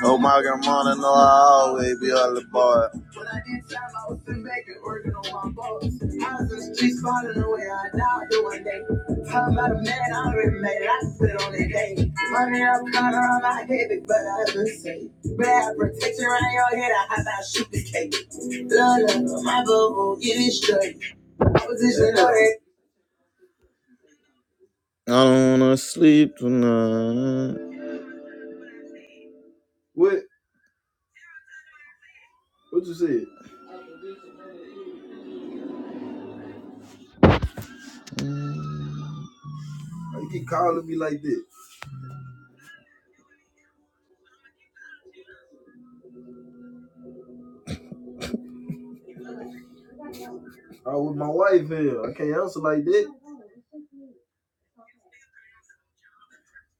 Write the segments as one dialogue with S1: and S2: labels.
S1: Oh my god, man, I know I always be all about it. When I get time, I was in Vegas working on my boats. I was in the streets falling away. I died the one day. How about a man I already made it? I spit on that day. Money up, caught around my head, but I have to say. Bad protection around your head, I have to shoot the cake. Love, my bubble, get it straight. Opposition, know that. I don't wanna sleep tonight. What? What you said? You keep calling me like this. Oh, with my wife here. I can't answer like that.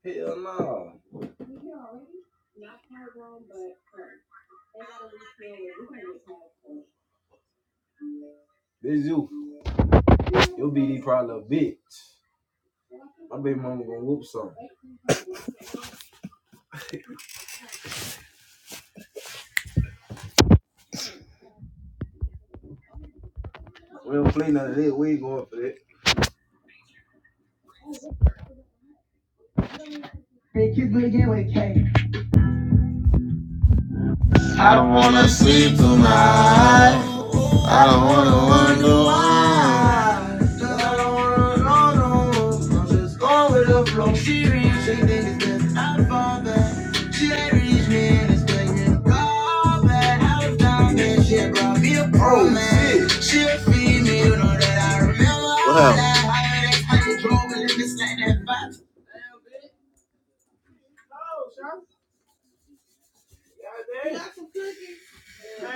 S1: Hell no. This you. You'll be the probably a bitch. My baby mama gonna whoop something. We don't play none of that. We ain't going for that. Hey, kiss me again with a K. I don't wanna sleep tonight. I don't wanna wonder why. I'm just going with the flow. She reads, she thinks that I fall back. She ain't reached me and expecting a call back. I was down there, she had brought me a pro oh, man. She'll feed me, you know that I remember. all happened? that. I ain't expecting trouble in this ain't that box. I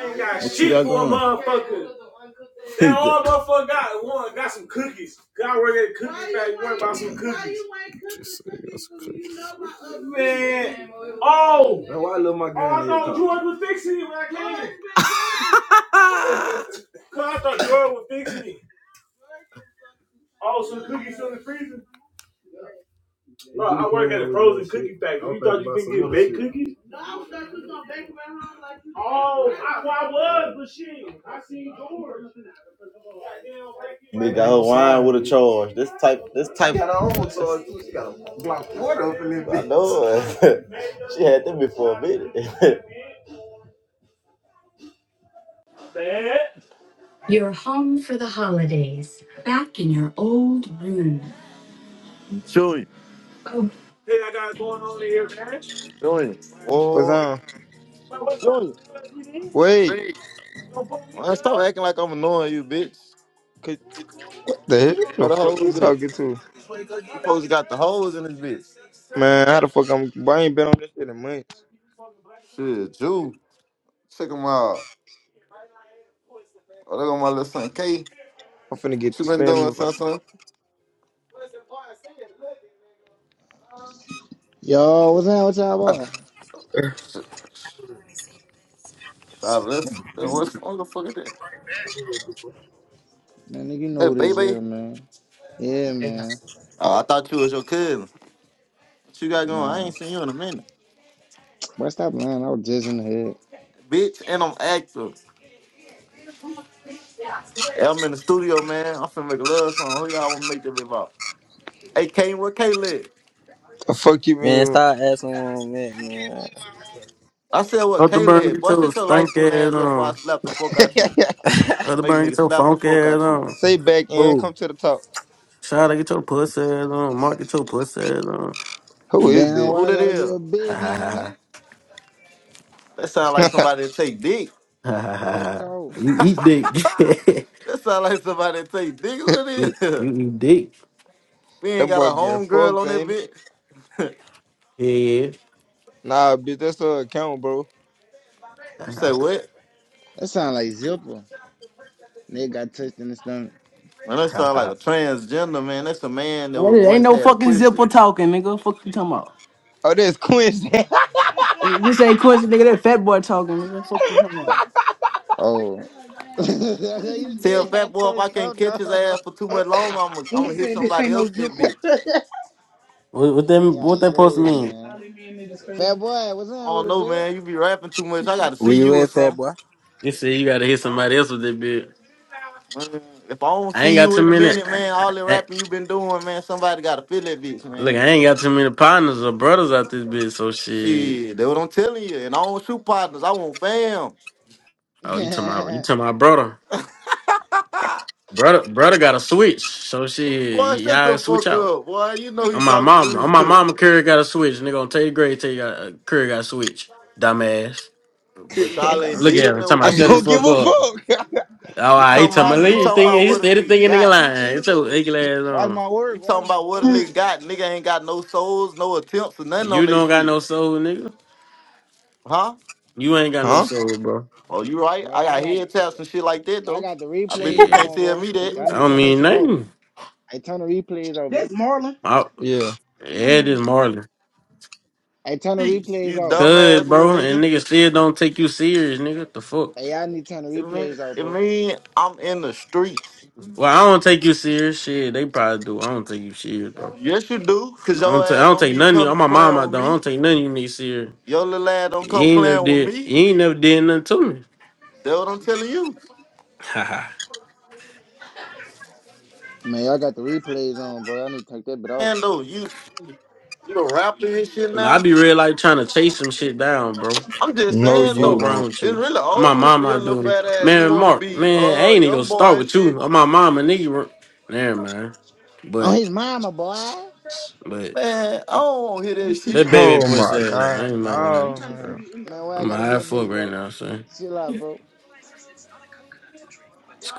S1: ain't got shit for a motherfucker. Now all motherfucker got one got some cookies. Cause I work at a cookie factory. Worry about some cookies. Man, Oh, That's why I love my game. oh, I thought Talk. George was fixing it when I came. Cause I thought Jordan was fixing it. Oh, so cookies still in the freezer? No, I work at a frozen cookie factory. You thought you could get baked cookies? Oh, I, well, I was, but shit, I seen Jordan. Nigga, like, her wine with a charge. This type, this She type. She got her own charge too. She got a block quarter up in this bitch. I know she had them before a minute. Dad, Chewy. Hey, I got going on here, man. Junior.
S2: What's
S1: Oh,
S2: on?
S1: What- What's Junior.
S2: Wait,
S1: No Man, stop acting like I'm annoying you, bitch.
S2: could, the hell
S1: What
S2: the
S1: the
S2: fuck
S1: hell
S2: you
S1: is this?
S2: talking to?
S1: You folks got the hoes in this bitch.
S2: Man, how the fuck I'm? I ain't been on this shit in months.
S1: Shit, Jew. Check them out. Oh, there go my little son K.
S2: I'm finna
S1: What
S2: get
S1: you
S2: the
S1: been doing,
S2: spam. But
S1: son, son?
S3: Yo, what's up? What's up,
S1: I,
S3: boy?
S1: sh- shot, that's, that- what's what the fuck is that?
S3: Man, nigga, you know
S1: Hey,
S3: what this
S1: baby.
S3: here, man. Yeah, man.
S1: Oh, I thought you was your cousin. What you got going? I
S3: Nah,
S1: ain't seen you in a minute.
S3: but stop lying. I was just in the head.
S1: Bitch, and I'm active. Yeah, I'm in the studio, man. I'm finna make a love song. Who y'all wanna make that about? Hey, Kane, where Caleb?
S2: the fuck you
S4: Man,
S2: mean?
S4: stop asking where i
S1: I said, what,
S5: Up the burn,
S1: Caleb?
S5: get
S1: Boy,
S5: your
S1: shut your light
S5: stank
S1: skinned
S5: ass
S1: ass up before I
S5: on.
S1: slap the fuck out you.
S5: Up
S4: man.
S5: the
S1: Make a
S5: burn,
S1: nigga
S5: get your
S1: slap the
S5: funk
S1: fuck
S5: ass
S1: out you.
S5: on.
S2: Say back and
S4: Who?
S2: come to the top.
S5: Shout out, get your pussy ass on. Mark, get your pussy ass on.
S2: Who is
S3: Damn,
S2: that?
S1: Who
S3: why I
S1: that
S3: gotta be
S1: is?
S3: a bitch, man?
S1: That sound like somebody that take dick.
S5: Ha ha ha ha ha ha.
S3: Real
S5: ha.
S3: talk.
S5: You eat dick.
S1: That sound like somebody that take dick. Who
S2: that
S1: that
S5: you
S1: is?
S5: you eat dick.
S1: we ain't got
S2: boy
S1: a
S2: getting
S1: homegirl
S2: fucked,
S1: on that
S2: ain't it?
S1: bitch.
S5: Yeah.
S2: Nah, bitch, that's her account, bro.
S1: you say
S5: yeah.
S1: what?
S3: That sound like zipper. Nigga got touched in the stomach.
S1: Man,
S5: Ha,
S1: that
S5: ha, ha,
S1: sound like
S5: ha.
S1: a transgender, man. That's a man that was
S5: Hey, ain't
S1: once
S5: no
S1: had a
S5: fucking
S1: pussy.
S5: zipper talking, nigga. Fuck you talking about.
S2: Oh, that's Quincy.
S5: This ain't Quincy, nigga. That fat boy talking, nigga. Fuck you talking about.
S3: Oh, you
S1: Tell
S3: still
S1: Fat
S3: got
S1: Boy if
S3: touched,
S1: I
S3: though,
S1: can't catch his
S3: dog.
S1: ass for too much longer, I'm gonna I'm hit somebody else with that bitch.
S5: What, what that
S3: Man,
S5: what
S3: y'all
S5: that post
S3: crazy,
S5: mean?
S3: man. Fat boy, what's
S1: I
S3: up with
S1: don't
S3: a
S1: know,
S3: bit?
S1: man. You be rapping too much. I gotta
S4: were
S1: see
S4: you
S1: you or
S4: with, fat
S1: something.
S4: boy?
S5: You said you gotta hit somebody else with that bitch.
S1: Man, if I don't
S5: I ain't
S1: see
S5: got
S1: you
S5: too
S1: in a
S5: many.
S1: minute, man, all the
S5: I,
S1: rapping you been doing, man, somebody gotta feel that bitch,
S5: Look,
S1: man.
S5: I ain't got too many partners or brothers out this bitch, so shit.
S1: Shit, that's what I'm telling you. And I don't shoot partners, I want fam.
S5: Oh, you to my you to my brother. Brother brother got a switch. So shit,
S1: Boy, shut
S5: y'all
S1: the
S5: switch
S1: fuck
S5: out.
S1: up, boy. You know who you
S5: On my mom,
S1: talking
S5: on my
S1: to.
S5: mama Curry got a switch. Nigga on Tay Gray, Tay got uh, Curry got a switch. Dumbass.
S1: but y'all ain't
S5: Look at
S1: did
S5: him.
S1: nothing
S5: Talking,
S1: with
S5: I
S2: I
S1: them
S5: shut the
S2: don't give
S5: fuck
S2: a
S1: bitches.
S5: up.
S2: fuck.
S5: Oh,
S1: You
S2: I
S5: I he
S1: talking
S5: talking about
S2: don't
S1: about
S2: give
S5: "Look,
S1: you
S5: you
S2: a
S1: talking
S5: thinking
S2: fuck.
S1: about
S5: he
S1: what a
S5: steady
S1: nigga
S5: thinking nigga
S1: got.
S5: lying. It's your ugly
S1: You,
S5: ass
S3: watch
S5: on.
S3: my
S1: you
S3: word. Watch
S1: talking
S3: my
S1: about what a nigga
S3: word.
S1: got. Nigga ain't got no souls, no attempts, or nothing
S5: You
S1: on that
S5: don't got
S1: shit.
S5: no soul, nigga.
S1: Huh?
S5: You ain't got no
S2: Huh?
S5: soul, bro.
S1: Oh, you right.
S3: Bro,
S1: I
S3: y'all
S1: got
S3: got the,
S1: head taps and shit like that
S3: y'all
S1: though.
S3: got the
S1: I bet you
S3: replays
S1: can't
S5: Shit.
S3: on,
S1: tell
S3: bro.
S1: me that.
S3: Y'all
S5: I
S3: need to
S5: don't
S3: turn this
S5: mean
S3: shit off.
S5: nothing.
S3: I turn the replays out, bro.
S5: I,
S2: Yeah.
S5: yeah, this Marley.
S3: I turn the
S1: Peace,
S3: replays
S1: You
S3: off.
S1: dumbass
S5: Good,
S1: little
S5: bro. And
S1: nigga.
S5: niggas still don't take you serious, nigga. What the fuck?
S3: Hey, y'all need to turn the
S1: It
S3: replays
S1: mean,
S3: out,
S1: it
S3: bro.
S1: mean I'm in the streets.
S5: Well, I don't take you serious. Shit, they probably do. I don't take you serious, bro.
S1: Yes, you do, cause
S5: I
S1: your
S5: don't, ta- I
S1: ass
S5: don't
S1: don't
S5: take
S1: be
S5: none of you. On
S1: coming
S5: my mom,
S1: playing
S5: I
S1: with
S5: don't. I
S1: me.
S5: don't take none of you niggas serious.
S1: Your little ass don't
S5: You
S1: come
S5: ain't never
S1: playing with
S5: did.
S1: me.
S5: You ain't never did nothing to me.
S1: That's what I'm telling you.
S5: Haha.
S3: Man, y'all got the replays on, bro. Y'all need to take that bit off.
S1: And though you you a rapper and shit
S5: Man, I
S1: now.
S5: be real like trying to chase some shit down, bro.
S1: I'm just
S2: No,
S5: The
S1: saying
S2: you
S5: fuck
S1: though,
S5: wrong
S2: don't.
S5: with
S1: it's
S5: you?
S1: really
S5: I'm my
S1: old if for
S5: mom, I
S1: your little
S5: do.
S1: fat ass. You
S5: Man,
S1: wanna
S5: Mark,
S1: be
S5: man, I
S1: uh
S5: ain't even gonna
S1: young boy
S5: start
S1: and
S5: with you.
S1: shit.
S5: I'm my mama, nigga. Never mind.
S3: On
S5: But,
S3: his mama, boy.
S5: but.
S1: Man, I don't wanna hear that
S5: That
S1: shit.
S2: Oh
S5: baby pussy
S2: my
S5: ass. I
S2: god,
S5: ain't mad with him,
S2: no. I'm
S5: bro.
S2: man.
S3: Man, why I
S5: I'm
S3: gotta
S5: high
S3: be a
S5: as fuck
S3: bitch,
S5: right
S3: bro?
S5: now, son.
S3: Chill out, bro.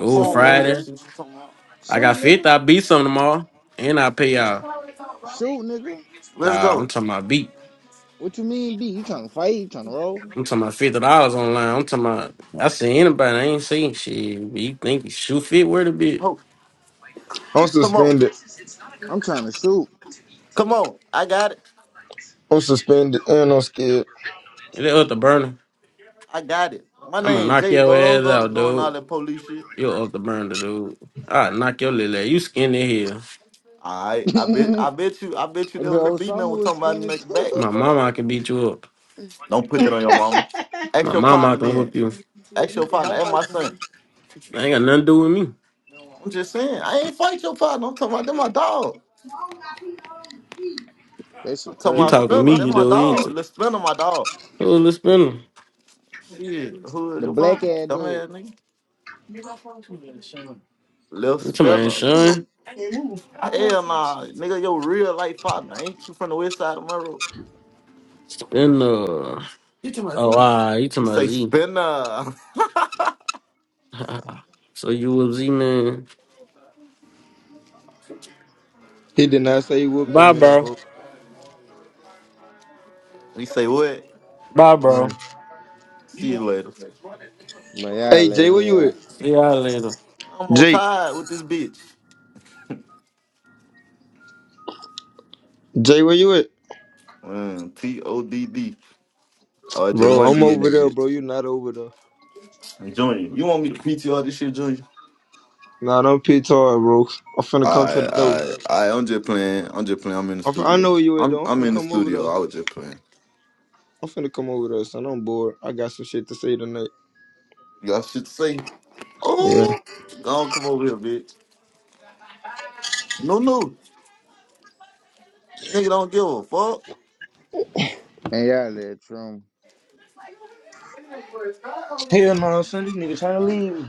S1: I
S3: Shoot,
S1: don't wanna hear that
S5: Friday.
S3: Mario.
S1: shit you talking about.
S5: I
S3: Shoot,
S5: got fifth.
S3: nigga.
S5: I beat some tomorrow, and I pay
S3: Man,
S5: y'all.
S3: shoot, nigga.
S1: Let's
S5: Nah, I'm
S1: go.
S5: talking about beat.
S3: What you mean, B? You trying to fight? You trying to roll?
S5: I'm talking about fifty dollars online. I'm talking about I see anybody. I ain't seen shit. You think you shoot fit where the bitch?
S1: Ho,
S2: I'm
S1: come on.
S2: suspended.
S3: I'm trying to shoot.
S1: Come on. I got it.
S2: I'm suspended and I'm scared.
S5: They up the burner.
S1: I got it. My
S5: I'ma
S1: name
S5: knock
S1: Jay,
S5: your
S1: bro. Don't
S5: ass
S1: go to
S5: out,
S1: doing all
S5: dude.
S1: that police shit.
S5: You up the burner, dude. I knock your little ass. You skinny here.
S1: I I bet I
S3: that
S1: bet you I bet you there was a
S3: bro,
S1: beating that
S3: Osama
S1: was
S3: was
S1: talking about in the
S3: skinny
S1: nigga
S3: too.
S1: back.
S5: My mama I can beat you up.
S1: Don't put that on your mama.
S5: My
S1: Ask your
S5: mama I
S1: partner
S5: can
S1: then.
S5: whoop you.
S1: Ask your partner. Ask my son.
S5: Ain't got nothing to do with me.
S1: I'm just saying. I ain't fight your partner. I'm talking about that my dog.
S3: that
S1: I'm
S3: shit
S1: talking
S5: You
S1: about
S3: crazy,
S5: talking to me,
S3: folks.
S1: Spinner. That
S5: you
S1: my dog.
S5: do.
S1: Lil Spinner, my dog.
S5: Who this been?
S1: Shit. Who is
S3: The
S1: your
S3: black
S1: partner?
S3: ass dude.
S1: Dumbass nigga.
S5: You talking
S1: Lil
S5: about
S1: Spinner.
S5: Sean?
S1: Hell nah, nigga. Your real life partner. Ain't you from the west side of Monroe?
S5: Been uh oh
S1: He
S5: ah, you
S1: he
S5: talking about
S1: say
S5: Z.
S1: Spinner.
S5: so you with Z man.
S2: He did not say he whooped that
S5: Bye
S2: man,
S5: bro.
S2: folks.
S1: he say what?
S5: Bye
S2: Man.
S5: bro.
S1: See you later.
S3: Man, y'all
S2: Hey,
S3: let
S2: Jay, where you
S3: hell.
S2: at?
S5: See y'all later.
S1: I'm on
S2: Jay.
S1: tired with this bitch.
S2: Jay, where you at?
S1: Mm, T O D D. Oh, just
S2: Bro,
S1: one
S2: I'm
S1: D in
S2: over
S1: that
S2: there, bro.
S1: bitch.
S2: You not over there.
S1: Junior, you want me to PTR this shit, Junior?
S2: Nah, I'm pissed hard, bro. I'm finna come to the
S1: Alright,
S2: door.
S1: alright, alright. I'm just playing. I'm just playing. I'm in the
S2: I'm fin- I
S1: studio.
S2: know where you at,
S1: I'm
S2: though. I'm
S1: I'm
S2: finna
S1: in the
S2: come over
S1: studio.
S2: there.
S1: I was just playing.
S2: I'm finna come over there, son. I'm bored. I got some shit to say tonight.
S1: You got shit to say?
S2: Yeah.
S1: Oh, don't come over here, bitch. No, no, nigga, don't give a fuck.
S3: Man, y'all let Trump.
S2: Hell no, son. This nigga trying to leave.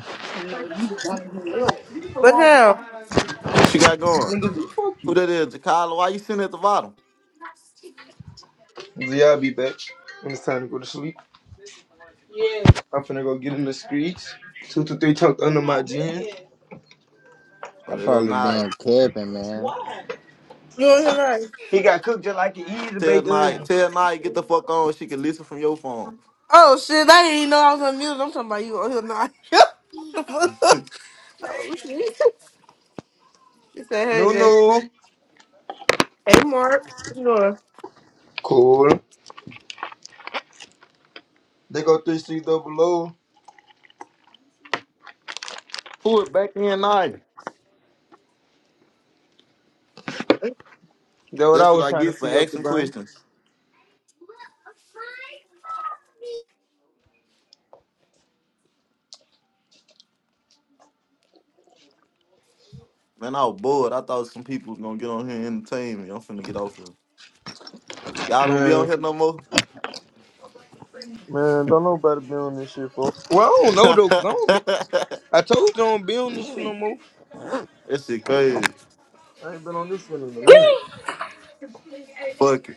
S6: What the hell?
S1: What you got going?
S2: Nigga, fuck
S1: Who
S2: you.
S1: that is, Jakyla? Why you sitting at the bottom?
S2: Z, I'll be back when it's time to go to sleep. I'm finna go get in the streets. Two to three tucked under my jeans.
S3: I
S1: Oh, there go
S3: probably
S1: Naya.
S3: damn capping, man.
S6: You on here live?
S2: He got cooked just like an easy
S1: Tell Naya,
S2: bake
S1: tell Naya, get the fuck on. She can listen from your phone.
S6: Oh shit! I didn't even know I was on mute. I'm talking about you on here live. oh shit! She said, "Hey
S2: No,
S6: Jay,
S2: no,
S6: hey Mark, what you doing?"
S2: Cool. They go three C double O.
S1: Pull it back in, Naya.
S2: That what
S1: That's
S2: I
S1: what
S2: was
S1: I
S2: trying to
S1: get for
S2: see up the
S1: asking
S2: bun.
S1: questions. Man, I was bored. I thought some people was gonna get on here and entertain me. I'm finna get off here. Y'all don't be on
S2: Man,
S1: here no more.
S2: man, don't nobody be on this shit for. Well, I don't know though, cause I don't be.
S1: that
S2: I told you I don't be on this shit no more.
S1: shit crazy.
S2: I ain't been on this shit in a
S7: Good.
S2: minute.
S1: Fuck it.